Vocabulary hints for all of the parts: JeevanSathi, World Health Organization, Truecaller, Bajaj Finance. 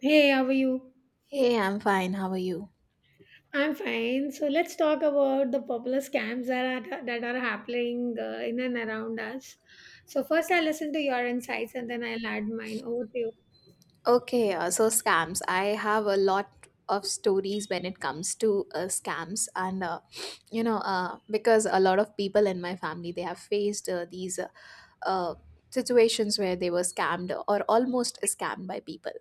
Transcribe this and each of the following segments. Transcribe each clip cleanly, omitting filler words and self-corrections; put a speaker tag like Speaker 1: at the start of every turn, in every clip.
Speaker 1: Hey, how are you?
Speaker 2: Hey, I'm fine. How are you?
Speaker 1: I'm fine. So let's talk about the popular scams that are happening in and around us. So first, I'll listen to your insights and then I'll add mine. Over to you.
Speaker 2: Okay, so scams. I have a lot of stories when it comes to scams, and because a lot of people in my family they have faced these uh, situations where they were scammed or almost scammed by people.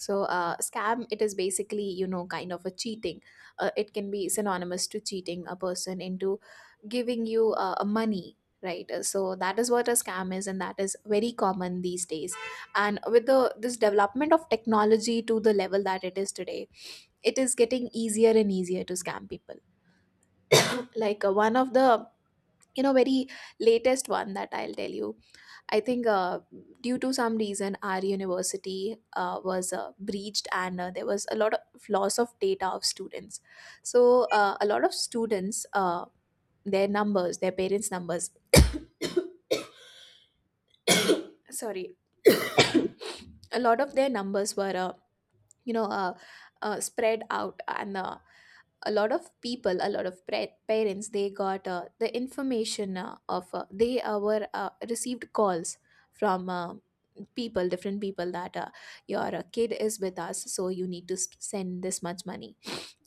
Speaker 2: So, scam it is basically kind of a cheating. It can be synonymous to cheating a person into giving you money. Right. So that is what a scam is, and that is very common these days and with the this development of technology to the level that it is today it is getting easier and easier to scam people. Like one of the very latest one that I'll tell you, I think due to some reason our university was breached and there was a lot of loss of data of students. So a lot of students, their numbers, their parents numbers, sorry, a lot of their numbers were you know uh, spread out and a lot of people, a lot of parents, they got the information, of they were received calls from people different people that your kid is with us so you need to send this much money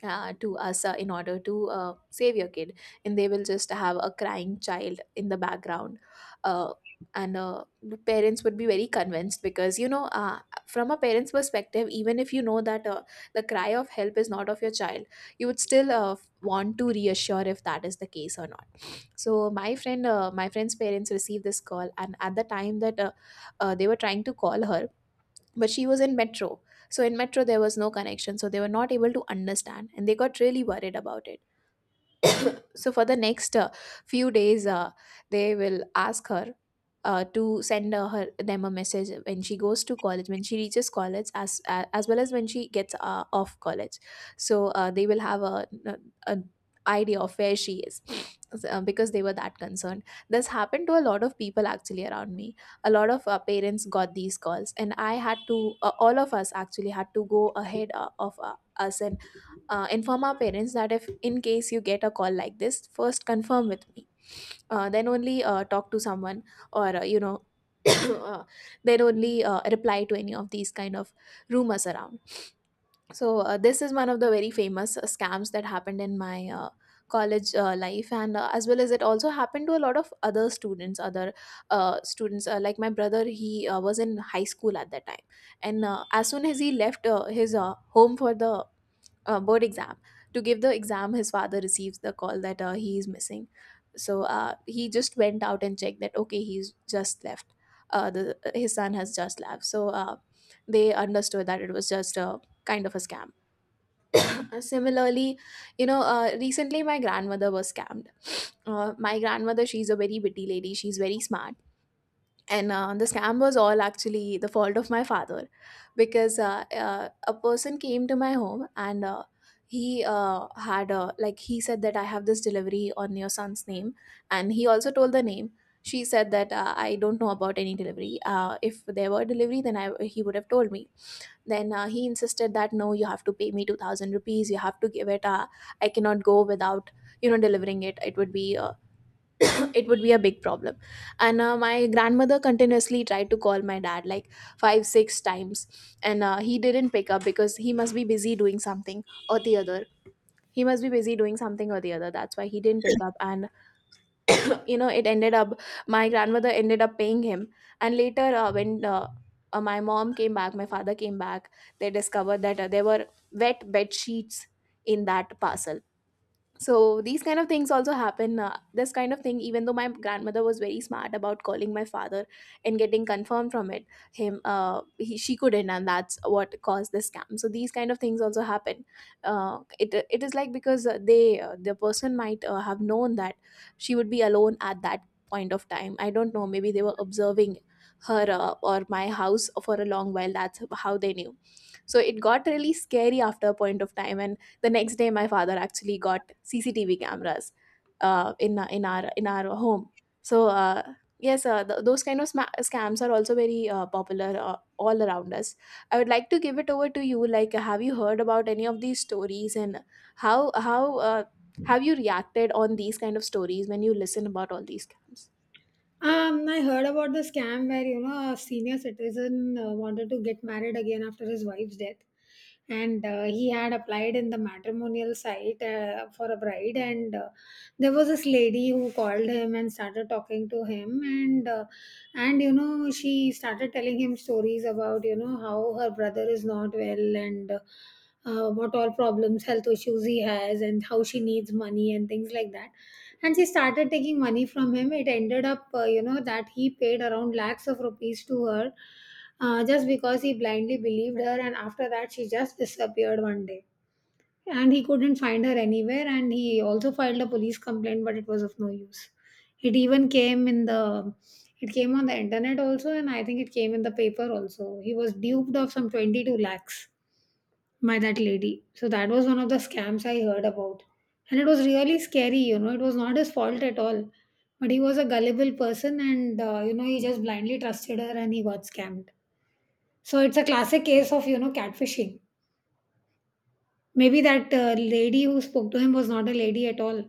Speaker 2: to us in order to save your kid, and they will just have a crying child in the background. uh, and the parents would be very convinced because from a parent's perspective, even if you know that the cry of help is not of your child, you would still want to reassure if that is the case or not. So my friend, my friend's parents received this call, and at the time that they were trying to call her, but she was in metro, so in metro there was no connection, so they were not able to understand and they got really worried about it. So for the next few days they will ask her to send her them a message when she goes to college, when she reaches college, as well as when she gets off college. So they will have a an idea of where she is. So, because they were that concerned, this happened to a lot of people actually around me. A lot of parents got these calls, and I had to all of us actually had to go ahead of us and inform our parents that if in case you get a call like this, first confirm with me, then only talk to someone, or uh, then only reply to any of these kind of rumors around. So this is one of the very famous scams that happened in my college life, and as well as it also happened to a lot of other students, like my brother, he was in high school at that time, and as soon as he left his home for the board exam, to give the exam, his father receives the call that he is missing. So he just went out and checked that okay, he's just left, the his son has just left, so they understood that it was just a kind of a scam. Similarly, recently my grandmother was scammed. My grandmother, she's a very witty lady, she's very smart, and the scam was all actually the fault of my father, because a person came to my home and he had like, he said that I have this delivery on your son's name, and he also told the name. She said that I don't know about any delivery, if there were delivery then he would have told me. Then he insisted that no, you have to pay me 2000 rupees, you have to give it, I cannot go without delivering it, it would be it would be a big problem. And my grandmother continuously tried to call my dad like 5 6 times, and he didn't pick up because he must be busy doing something or the other. He must be busy doing something or the other, that's why he didn't pick up, and it ended up, my grandmother ended up paying him. And later, when my mom came back, my father came back, they discovered that there were wet bed sheets in that parcel. So these kind of things also happen, this kind of thing, even though my grandmother was very smart about calling my father and getting confirmed from it, him, she couldn't, and that's what caused the scam. So these kind of things also happen. It it is like because the person might have known that she would be alone at that point of time. I don't know, maybe they were observing her or my house for a long while, that's how they knew. So it got really scary after a point of time, and the next day my father actually got CCTV cameras in our in our home. So yes, those kind of scams are also very popular all around us. I would like to give it over to you, like, have you heard about any of these stories, and how how uh, have you reacted on these kind of stories when you listen about all these scams?
Speaker 1: I heard about the scam where you know a senior citizen wanted to get married again after his wife's death, and he had applied in the matrimonial site for a bride, and there was this lady who called him and started talking to him, and you know she started telling him stories about you know how her brother is not well and. What all problems, health issues he has, and how she needs money and things like that and she started taking money from him. It ended up you know that he paid around lakhs of rupees to her, just because he blindly believed her, and after that she just disappeared one day and he couldn't find her anywhere, and he also filed a police complaint but it was of no use. It even came in the it came on the internet also, and I think it came in the paper also. He was duped of some 22 lakhs by that lady. So that was one of the scams I heard about. And it was really scary, you know, it was not his fault at all. But he was a gullible person and, you know, he just blindly trusted her and he got scammed. So it's a classic case of, you know, catfishing. Maybe that lady who spoke to him was not a lady at all.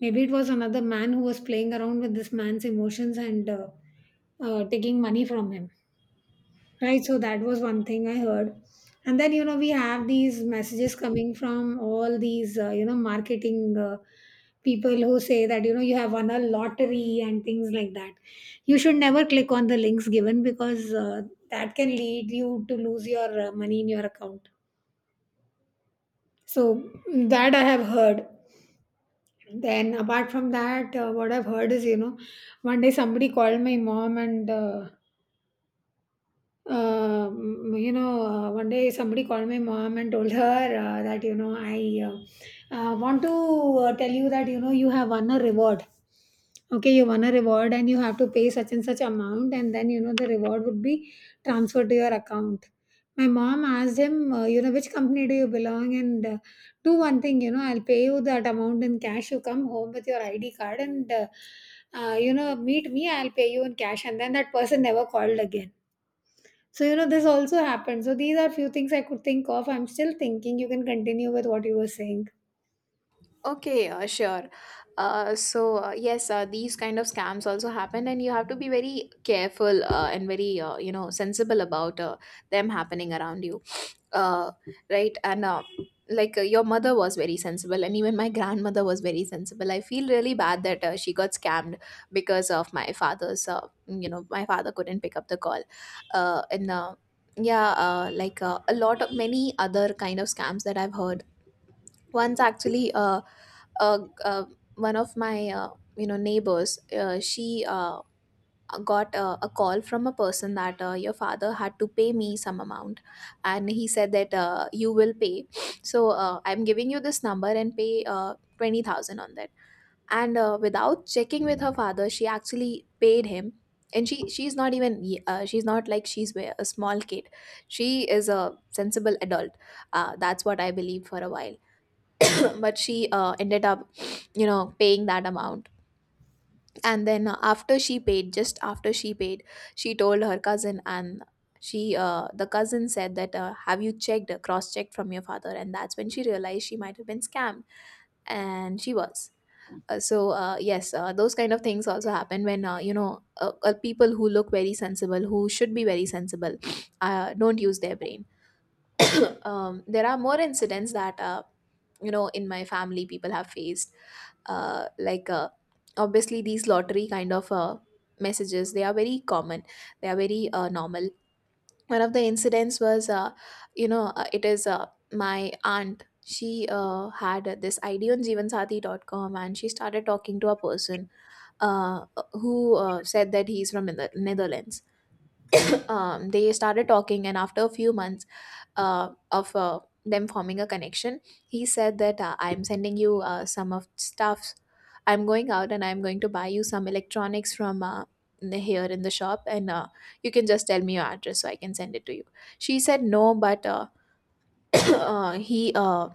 Speaker 1: Maybe it was another man who was playing around with this man's emotions and taking money from him. Right, so that was one thing I heard. And then, you know, we have these messages coming from all these, you know, marketing people who say that, you know, you have won a lottery and things like that. You should never click on the links given because that can lead you to lose your money in your account. So mm, that I have heard. Then, apart from that, what I've heard is, you know, one day somebody called my mom and you know, one day somebody called my mom and told her that, you know, I want to tell you that, you know, you have won a reward. Okay, you won a reward and you have to pay such and such amount, and then, you know, the reward would be transferred to your account. My mom asked him, you know, which company do you belong? And do one thing, you know, I'll pay you that amount in cash. You come home with your ID card and, you know, meet me, I'll pay you in cash. And then that person never called again, so, you know, this also happened. So, these are few things I could think of. I'm still thinking. You can continue with what you were saying.
Speaker 2: Okay, sure. So yes, these kind of scams also happen, and you have to be very careful and very sensible about them happening around you. uh, right. And like, your mother was very sensible and even my grandmother was very sensible. I feel really bad that she got scammed because of my father's, my father couldn't pick up the call, and yeah. Like, a lot of many other kind of scams that I've heard. Once actually, uh, uh, one of my, neighbors, she got a call from a person that your father had to pay me some amount, and he said that you will pay, so I'm giving you this number and pay 20,000 on that. And without checking with her father she actually paid him. And she's not even she's not like a small kid. She is a sensible adult, that's what I believe for a while. But she ended up paying that amount. And then after she paid, just after she paid, she told her cousin, and she the cousin said that have you checked, cross checked from your father, and that's when she realized she might have been scammed. And she was, so yes, those kind of things also happen when people who look very sensible, who should be very sensible, don't use their brain. There are more incidents that in my family people have faced, like obviously these lottery kind of messages, they are very common. They are very normal. One of the incidents was, it is, my aunt, she had this ID on JeevanSathi.com, and she started talking to a person uh, who said that he's from netherlands. They started talking, and after a few months of them forming a connection, he said that I'm sending you some of stuffs. I'm going out and I'm going to buy you some electronics from here in the shop, and you can just tell me your address so I can send it to you. She said no, but he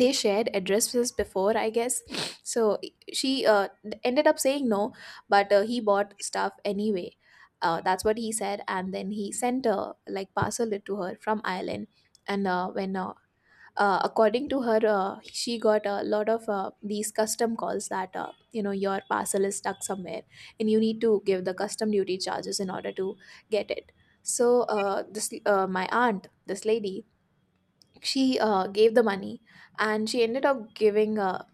Speaker 2: they shared addresses before I guess. So she ended up saying no, but he bought stuff anyway, that's what he said. And then he sent a like parcel it to her from ireland. And when according to her, she got a lot of these custom calls that your parcel is stuck somewhere and you need to give the custom duty charges in order to get it. So this my aunt, this lady, she gave the money, and she ended up giving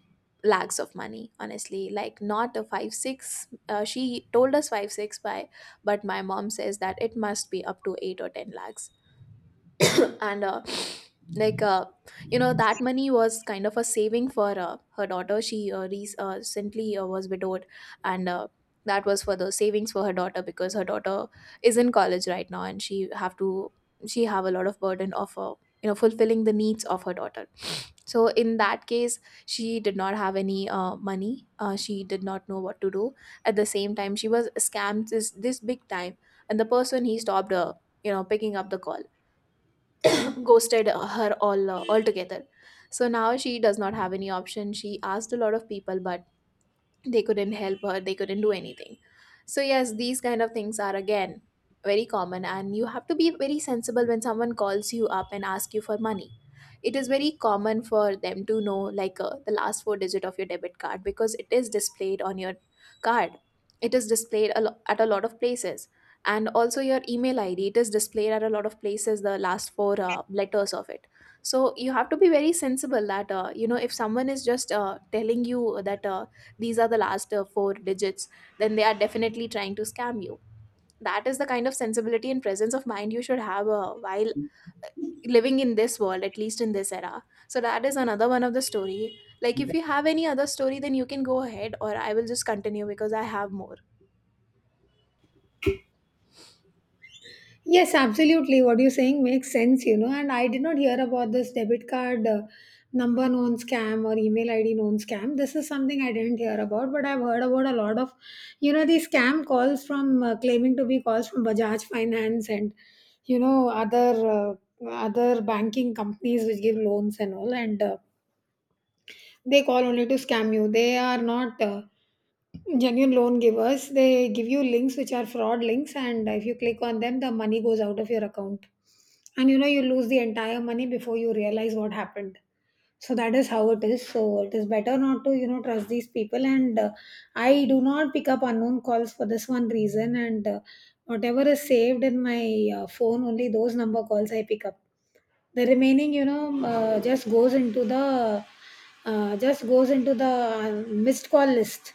Speaker 2: lakhs of money, honestly. Like, not a 5 6, she told us 5 6 by, but my mom says that it must be up to 8 or 10 lakhs. and like uh, you know, that money was kind of a saving for her daughter. She recently was widowed, and that was for the savings for her daughter, because her daughter is in college right now, and she have to— she have a lot of burden of you know, fulfilling the needs of her daughter. So in that case, she did not have any money. She did not know what to do. At the same time, she was scammed, this big time. And the person, he stopped you know, picking up the call. Ghosted her all altogether. So now she does not have any option. She asked a lot of people, but they couldn't help her, they couldn't do anything. So yes, these kind of things are, again, very common, and you have to be very sensible when someone calls you up and asks you for money. It is very common for them to know, like, the last four digit of your debit card, because it is displayed on your card. It is displayed at a lot of places. And also your email id, it is displayed at a lot of places, the last four letters of it. So you have to be very sensible that, you know, if someone is just telling you that these are the last four digits, then they are definitely trying to scam you. That is the kind of sensibility and presence of mind you should have while living in this world, at least in this era. So that is another one of the story. Like, if you have any other story, then you can go ahead, or I will just continue, because I have more.
Speaker 1: Yes, absolutely. What you're saying makes sense, you know. And I did not hear about this debit card number known scam or email ID known scam. This is something I didn't hear about, but I've heard about a lot of, you know, these scam calls from claiming to be calls from Bajaj Finance and, you know, other. Other banking companies which give loans and all, and they call only to scam you. They are not genuine loan givers. They give you links which are fraud links, and if you click on them, the money goes out of your account. And you know, you lose the entire money before you realize what happened. So that is how it is. So it is better not to, you know, trust these people. And I do not pick up unknown calls for this one reason. And whatever is saved in my phone, only those number calls I pick up. The remaining, you know, just goes into the just goes into the missed call list.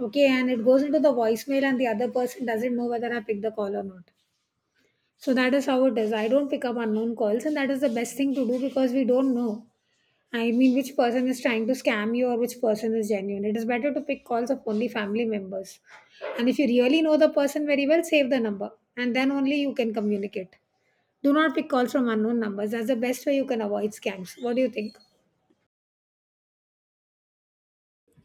Speaker 1: Okay, and it goes into the voicemail, and the other person doesn't know whether I picked the call or not. So that is how it is. I don't pick up unknown calls, and that is the best thing to do because we don't know. I mean, which person is trying to scam you or which person is genuine. It is better to pick calls of only family members. And if you really know the person very well, save the number, and then only you can communicate. Do not pick calls from unknown numbers. That's the best way you can avoid scams. What do you think?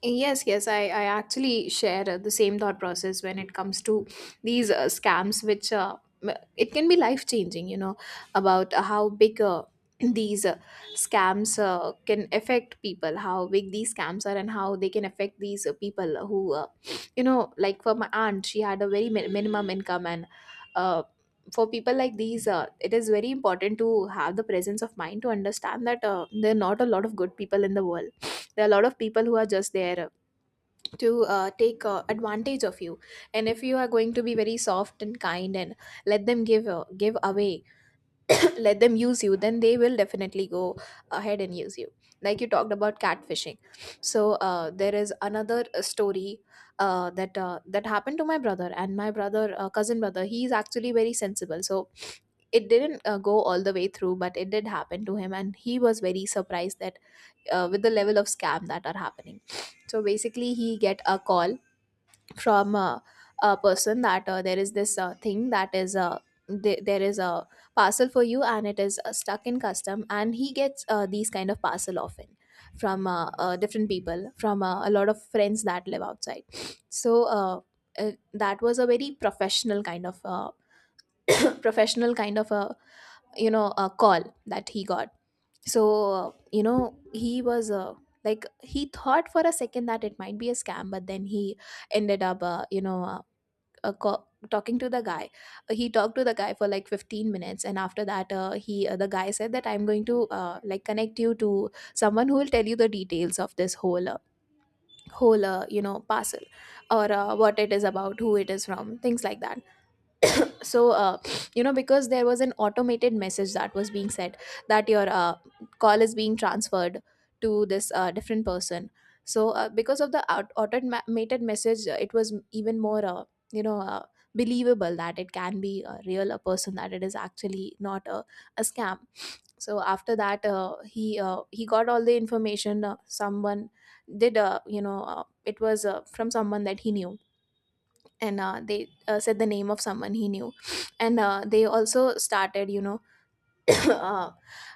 Speaker 2: Yes, yes, I actually share the same thought process when it comes to these scams, which it can be life changing, you know, about how big these scams can affect people, how big these scams are, and how they can affect these people who, you know, like, for my aunt, she had a very minimum income. And uh, for people like these, it is very important to have the presence of mind to understand that there are not a lot of good people in the world. There are a lot of people who are just there to take advantage of you. And if you are going to be very soft and kind and let them give away— let them use you, then they will definitely go ahead and use you. Like you talked about catfishing. So there is another story that happened to my brother. And my brother, cousin brother, he is actually very sensible, so it didn't go all the way through, but it did happen to him, and he was very surprised that with the level of scam that are happening. So basically, he get a call from a person that there is this thing that is there is a parcel for you, and it is stuck in custom. And he gets these kind of parcel often from different people, from a lot of friends that live outside. So that was a very professional kind of professional kind of a, you know, a call that he got. So you know, he was like, he thought for a second that it might be a scam, but then he ended up you know, uh, co- talking to the guy. He talked to the guy for like 15 minutes, and after that he, the guy said that I'm going to like, connect you to someone who will tell you the details of this whole, you know, parcel, or what it is about, who it is from, things like that. So you know, because there was an automated message that was being said that your call is being transferred to this different person. So because of the automated message, it was even more you know, believable that it can be a real a person, that it is actually not a scam. So after that, he got all the information. Someone did, you know, it was from someone that he knew, and they said the name of someone he knew. And they also started, you know, uh,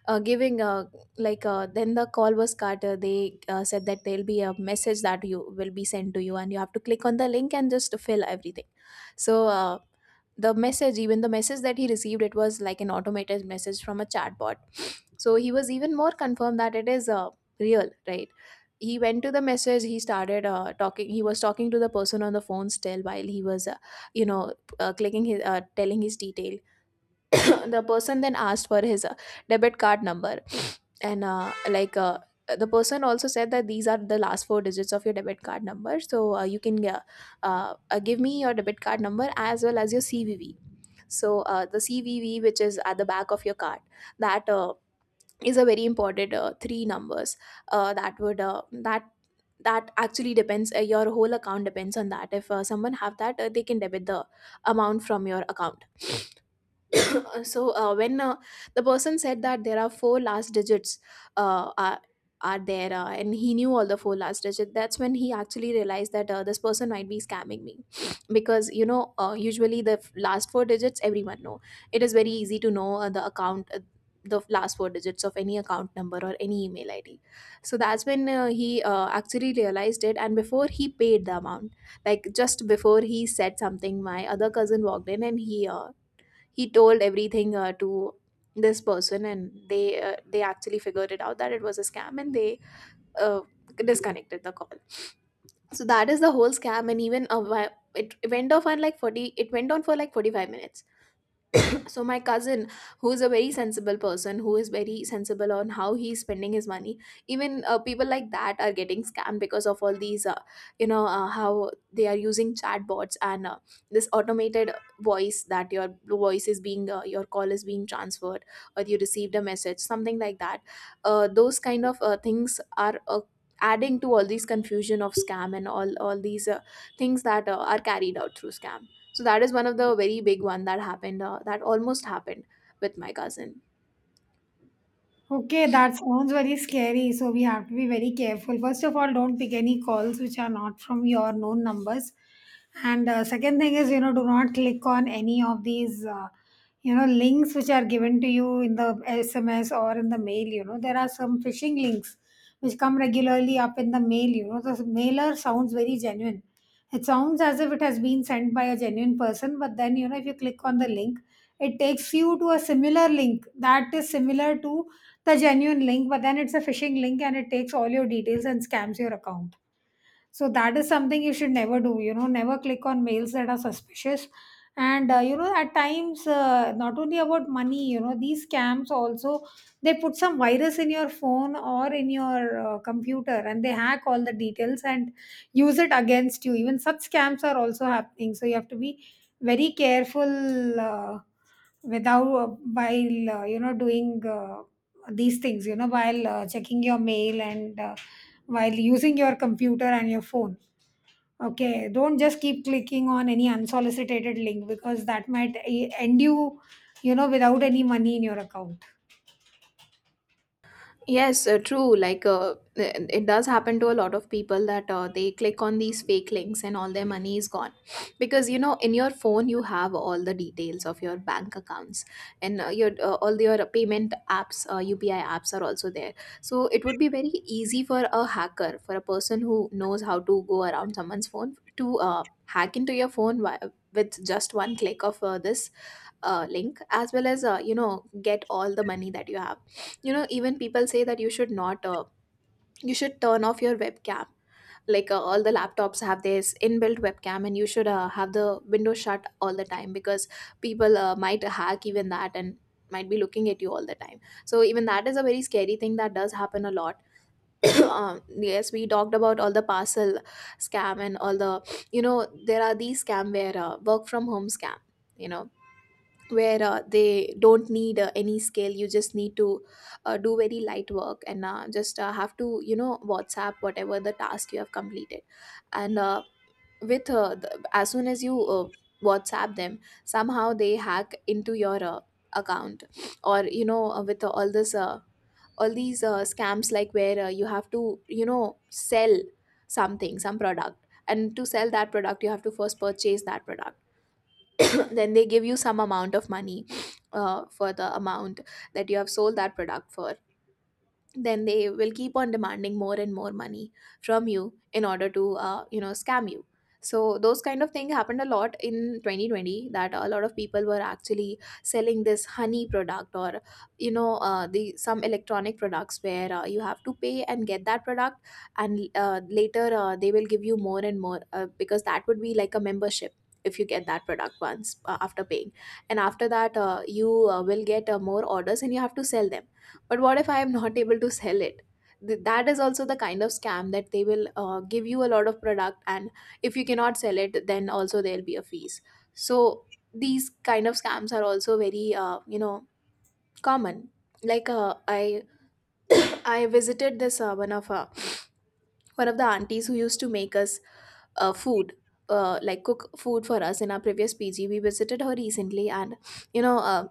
Speaker 2: giving like then the call was cut. They said that there'll be a message that you will be sent to you, and you have to click on the link and just fill everything. So the message, even the message that he received, it was like an automated message from a chatbot. So he was even more confirmed that it is real, right. He went to the message, he started talking, he was talking to the person on the phone still, while he was you know, clicking his telling his detail. The person then asked for his debit card number. And like the person also said that these are the last four digits of your debit card number, so you can give me your debit card number as well as your cvv. So the cvv, which is at the back of your card, that is a very important three numbers that would that actually depends— your whole account depends on that. If someone have that, they can debit the amount from your account. So when the person said that there are four last digits, uh, are, are there, and he knew all the four last digits, that's when he actually realized that this person might be scamming me. Because you know, usually the last four digits everyone know. It is very easy to know the account, the last four digits of any account number or any email id. So that's when he actually realized it. And before he paid the amount, like just before he said something, my other cousin walked in, and he told everything to this person, and they actually figured it out that it was a scam, and they uh, disconnected the call. So that is the whole scam. And even it went on for like 45 minutes. So my cousin, who is a very sensible person, who is very sensible on how he's spending his money, even people like that are getting scammed, because of all these you know, how they are using chatbots. And this automated voice that your voice is being your call is being transferred, or you received a message, something like that. Those kind of things are adding to all these confusion of scam, and all these things that are carried out through scam. So that is one of the very big one that happened, that almost happened with my cousin.
Speaker 1: Okay, that sounds very scary. So we have to be very careful. First of all, don't pick any calls which are not from your known numbers. And second thing is, you know, do not click on any of these, you know, links which are given to you in the SMS or in the mail. You know, there are some phishing links which come regularly up in the mail. You know, the mailer sounds very genuine. It sounds as if it has been sent by a genuine person, but then, you know, if you click on the link, it takes you to a similar link that is similar to the genuine link, but then it's a phishing link and it takes all your details and scams your account. So that is something you should never do. You know, never click on mails that are suspicious. And you know, at times, not only about money, you know, these scams also they put some virus in your phone or in your computer, and they hack all the details and use it against you. Even such scams are also happening. So you have to be very careful without while you know doing these things. You know, while checking your mail and while using your computer and your phone. Okay, don't just keep clicking on any unsolicited link because that might end you, you know, without any money in your account.
Speaker 2: Yes, true, like it does happen to a lot of people that they click on these fake links and all their money is gone, because you know, in your phone you have all the details of your bank accounts. And your all your payment apps, UPI apps are also there. So it would be very easy for a hacker, for a person who knows how to go around someone's phone, to hack into your phone with just one click of this link, as well as you know, get all the money that you have. You know, even people say that you should not you should turn off your webcam. Like all the laptops have this inbuilt webcam, and you should have the window shut all the time, because people might hack even that, and might be looking at you all the time. So even that is a very scary thing that does happen a lot. Yes, we talked about all the parcel scam, and all the, you know, there are these scam where work from home scam. You know, where they don't need any skill, you just need to do very light work, and just have to, WhatsApp whatever the task you have completed. and uh, as soon as you WhatsApp them, somehow they hack into your account. Or you know, with all these scams, like where you have to, sell something, some product. And to sell that product, you have to first purchase that product. Then they give you some amount of money for the amount that you have sold that product for. Then they will keep on demanding more and more money from you in order to you know scam you. So those kind of thing happened a lot in 2020, that a lot of people were actually selling this honey product, or you know the some electronic products where you have to pay and get that product. And later, they will give you more and more, because that would be like a membership. If you get that product once after paying, and after that you will get more orders, and you have to sell them. But what if I am not able to sell it? That is also the kind of scam, that they will give you a lot of product, and if you cannot sell it, then also there'll be a fees. So these kind of scams are also very, you know, common. Like, I I visited this, one of the aunties who used to make us food, like cook food for us in our previous PG. We visited her recently, and you know,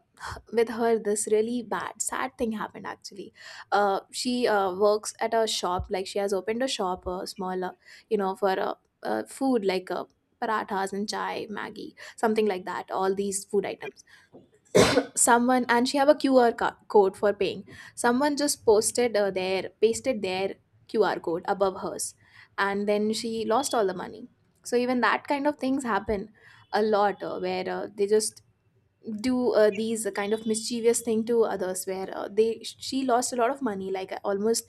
Speaker 2: with her this really bad, sad thing happened, actually. She works at a shop, like she has opened a shop, smaller, you know, for food, like parathas and chai, maggi, something like that, all these food items. Someone, and she have a QR code for paying. Someone just posted their pasted their QR code above hers, and then she lost all the money. So even that kind of things happen a lot, where they just do these kind of mischievous thing to others, where they she lost a lot of money, like almost,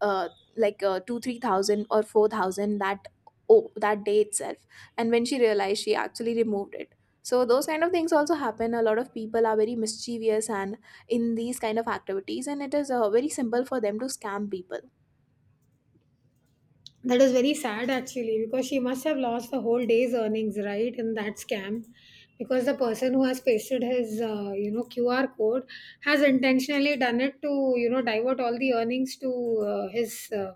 Speaker 2: uh, 2 3,000 or 4,000, that, oh, that day itself. And when she realized, she actually removed it. So those kind of things also happen. A lot of people are very mischievous and in these kind of activities, and it is very simple for them to scam people.
Speaker 1: That is very sad actually because she must have lost the whole day's earnings, right, in that scam. Because the person who has pasted his, you know, QR code has intentionally done it to, you know, divert all the earnings to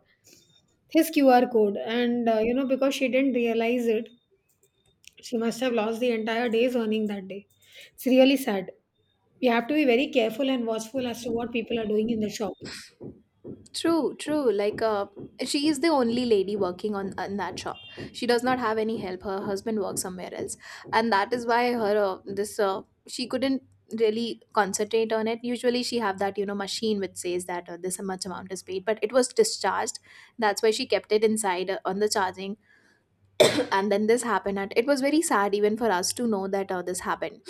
Speaker 1: his QR code, and you know, because she didn't realize it, she must have lost the entire day's earning that day. It's really sad. You have to be very careful and watchful as to what people are doing in the shop.
Speaker 2: True, true. Like, she is the only lady working on in that shop. She does not have any help. Her husband works somewhere else, and that is why her this she couldn't really concentrate on it. Usually, she have that, machine which says that this much amount is paid, but it was discharged. That's why she kept it inside, on the charging, and then this happened. At it was very sad even for us to know that this happened.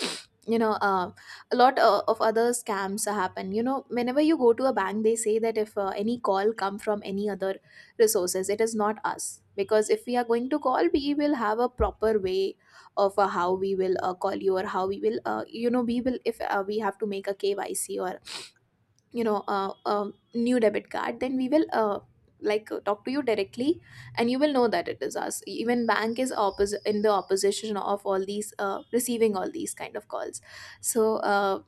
Speaker 2: You know, a lot of other scams happen. You know, whenever you go to a bank, they say that if any call come from any other resources, it is not us, because if we are going to call, we will have a proper way of how we will call you, or how we will, if we have to make a KYC, or you know, a new debit card, then we will talk to you directly, and you will know that it is us. Even bank is in the opposition of all these, receiving all these kind of calls. So,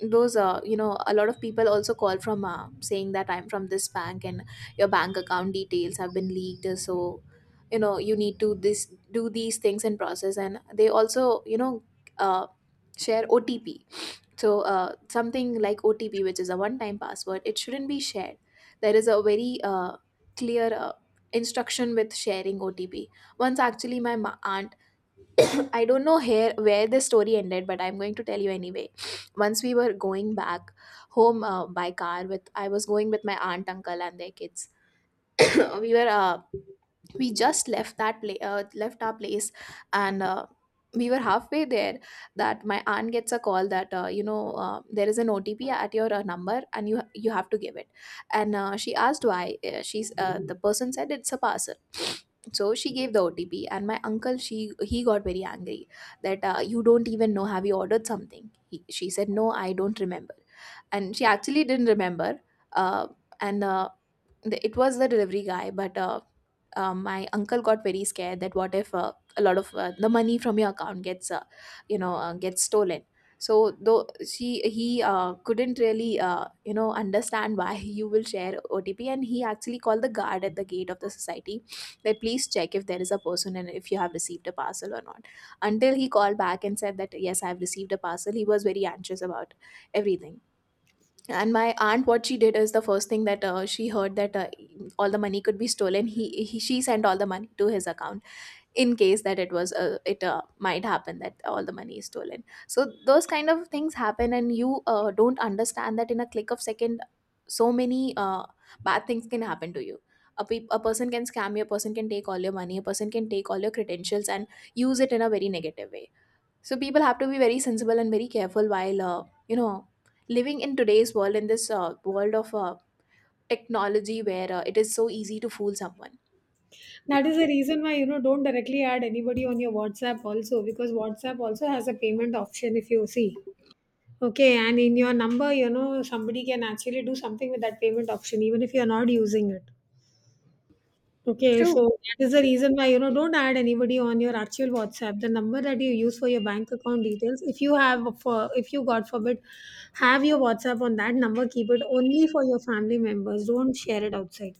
Speaker 2: those a lot of people also call from, saying that I'm from this bank and your bank account details have been leaked, so you know you need to this do these things and process, and they also, you know, uh, share OTP. Something like OTP, which is a one-time password, it shouldn't be shared. There is a very clear instruction with sharing OTP. Once actually, my aunt, I don't know here where this story ended, but I'm going to tell you anyway. Once we were going back home, by car with, I was going with my aunt, uncle, and their kids. we were we just left left our place, and we were halfway there, that my aunt gets a call that, there is an OTP at your number, and you have to give it. And she asked why. She's The person said it's a parcel. So she gave the OTP, and my uncle, she he got very angry that you don't even know, have you ordered something. She said no, I don't remember. And she actually didn't remember. uh, and uh, it was the delivery guy, but my uncle got very scared that what if a lot of the money from your account gets, gets stolen. So, though she he couldn't really you know understand why, you will share OTP. And he actually called the guard at the gate of the society, that please check if there is a person, and if you have received a parcel or not. Until he called back and said that yes, I've received a parcel, he was very anxious about everything. And my aunt, what she did is, the first thing that she heard that all the money could be stolen, he she sent all the money to his account, in case that it was, it might happen that all the money is stolen. So those kind of things happen, and you don't understand that in a click of second, so many bad things can happen to you. A a person can scam you, a person can take all your money, a person can take all your credentials, and use it in a very negative way. So people have to be very sensible and very careful while, you know, living in today's world, in this world of technology, where it is so easy to fool someone.
Speaker 1: That is the reason why you know don't directly add anybody on your WhatsApp also because WhatsApp also has a payment option if you see. Okay, and in your number, you know, somebody can actually do something with that payment option even if you're not using it. Okay,
Speaker 2: True.
Speaker 1: so that is the reason why, you know, don't add anybody on your actual WhatsApp. The number that you use for your bank account details, if you have, for if you God forbid, have your WhatsApp on that number, keep it only for your family members. Don't share it outside.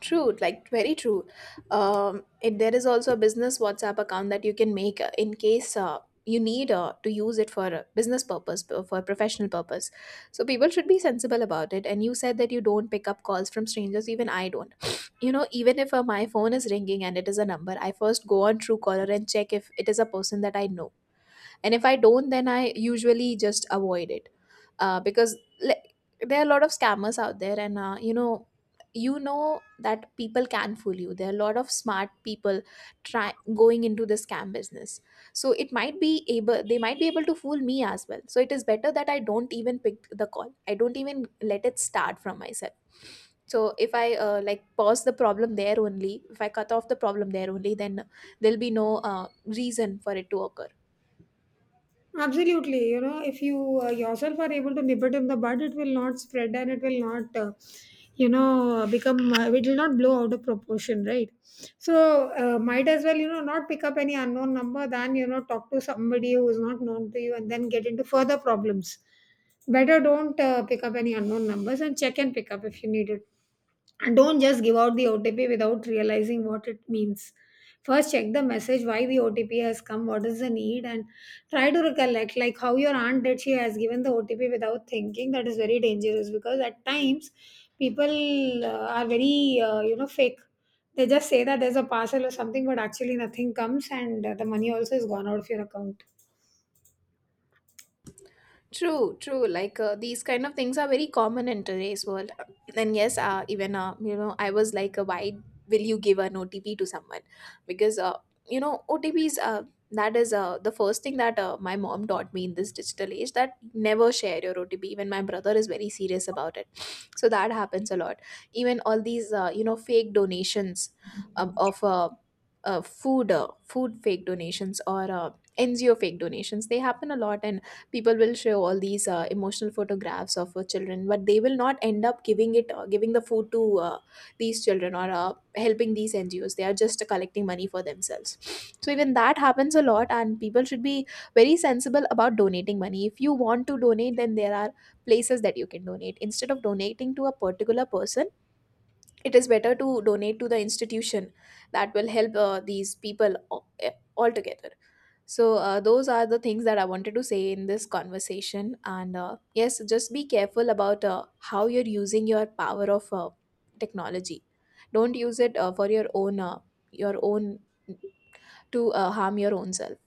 Speaker 2: True, like very true. There is also a business WhatsApp account that you can make, in case you need to use it for a business purpose, for professional purpose. So people should be sensible about it. And you said that you don't pick up calls from strangers. Even I don't. You know, even if my phone is ringing and it is a number, I first go on Truecaller and check if it is a person that I know, and if I don't, then I usually just avoid it, because, like, there are a lot of scammers out there, and you know, that people can fool you. There are a lot of smart people try going into the scam business, so it might be able they might be able to fool me as well. So it is better that I don't even pick the call, I don't even let it start from myself. So if I like pause the problem there only, if I cut off the problem there only, then there'll be no reason for it to occur.
Speaker 1: Absolutely, you know, if you yourself are able to nip it in the bud, it will not spread and it will not, it will not blow out of proportion, right? So, might as well, you know, not pick up any unknown number than, you know, talk to somebody who is not known to you and then get into further problems. Better don't pick up any unknown numbers and check and pick up if you need it. Don't just give out the OTP without realizing what it means. First, check the message why the OTP has come, what is the need, and try to recollect like how your aunt did. She has given the OTP without thinking. That is very dangerous because at times people are very you know fake. They just say that there's a parcel or something, but actually nothing comes, and the money also is gone out of your account.
Speaker 2: True, true. Like, these kind of things are very common in today's world. And yes, even, you know, I was like, why will you give an OTP to someone? Because, you know, OTPs. That is the first thing that my mom taught me in this digital age. That never share your OTP. Even my brother is very serious about it. So that happens a lot. Even all these, you know, fake donations, of. Food fake donations, or NGO fake donations, they happen a lot, and people will show all these emotional photographs of children, but they will not end up giving the food to these children, or helping these NGOs. They are just collecting money for themselves. So even that happens a lot, and people should be very sensible about donating money. If you want to donate, then there are places that you can donate, instead of donating to a particular person. It is better to donate to the institution that will help these people, a- altogether. So, those are the things that I wanted to say in this conversation. And yes, just be careful about how you're using your power of technology. Don't use it, for your own, to harm your own self.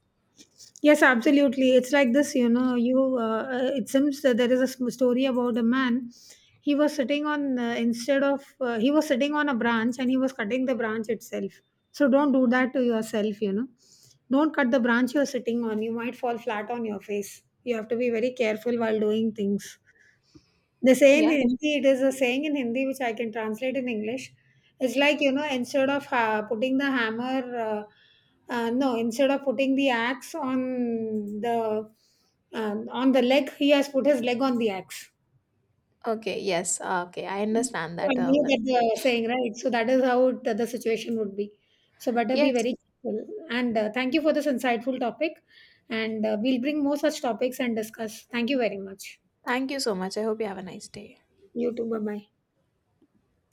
Speaker 1: Yes, absolutely. It's like this, you know. It seems that there is a story about a man. He was sitting on instead of he was sitting on a branch and he was cutting the branch itself. So don't do that to yourself, you know. Don't cut the branch you're sitting on. You might fall flat on your face. You have to be very careful while doing things. They say in
Speaker 2: Yeah.
Speaker 1: Hindi, it is a saying in Hindi which I can translate in English. It's like, you know, instead of putting the hammer, no, instead of putting the axe on the leg, he has put his leg on the axe.
Speaker 2: Okay. Yes. Okay. I understand
Speaker 1: I
Speaker 2: that,
Speaker 1: knew that
Speaker 2: one.
Speaker 1: the saying, right? So that is how it, the situation would be. So better be
Speaker 2: Yes.
Speaker 1: very careful. And thank you for this insightful topic. And we'll bring more such topics and discuss. Thank you very much.
Speaker 2: Thank you so much. I hope you have a nice day.
Speaker 1: You too. Bye bye.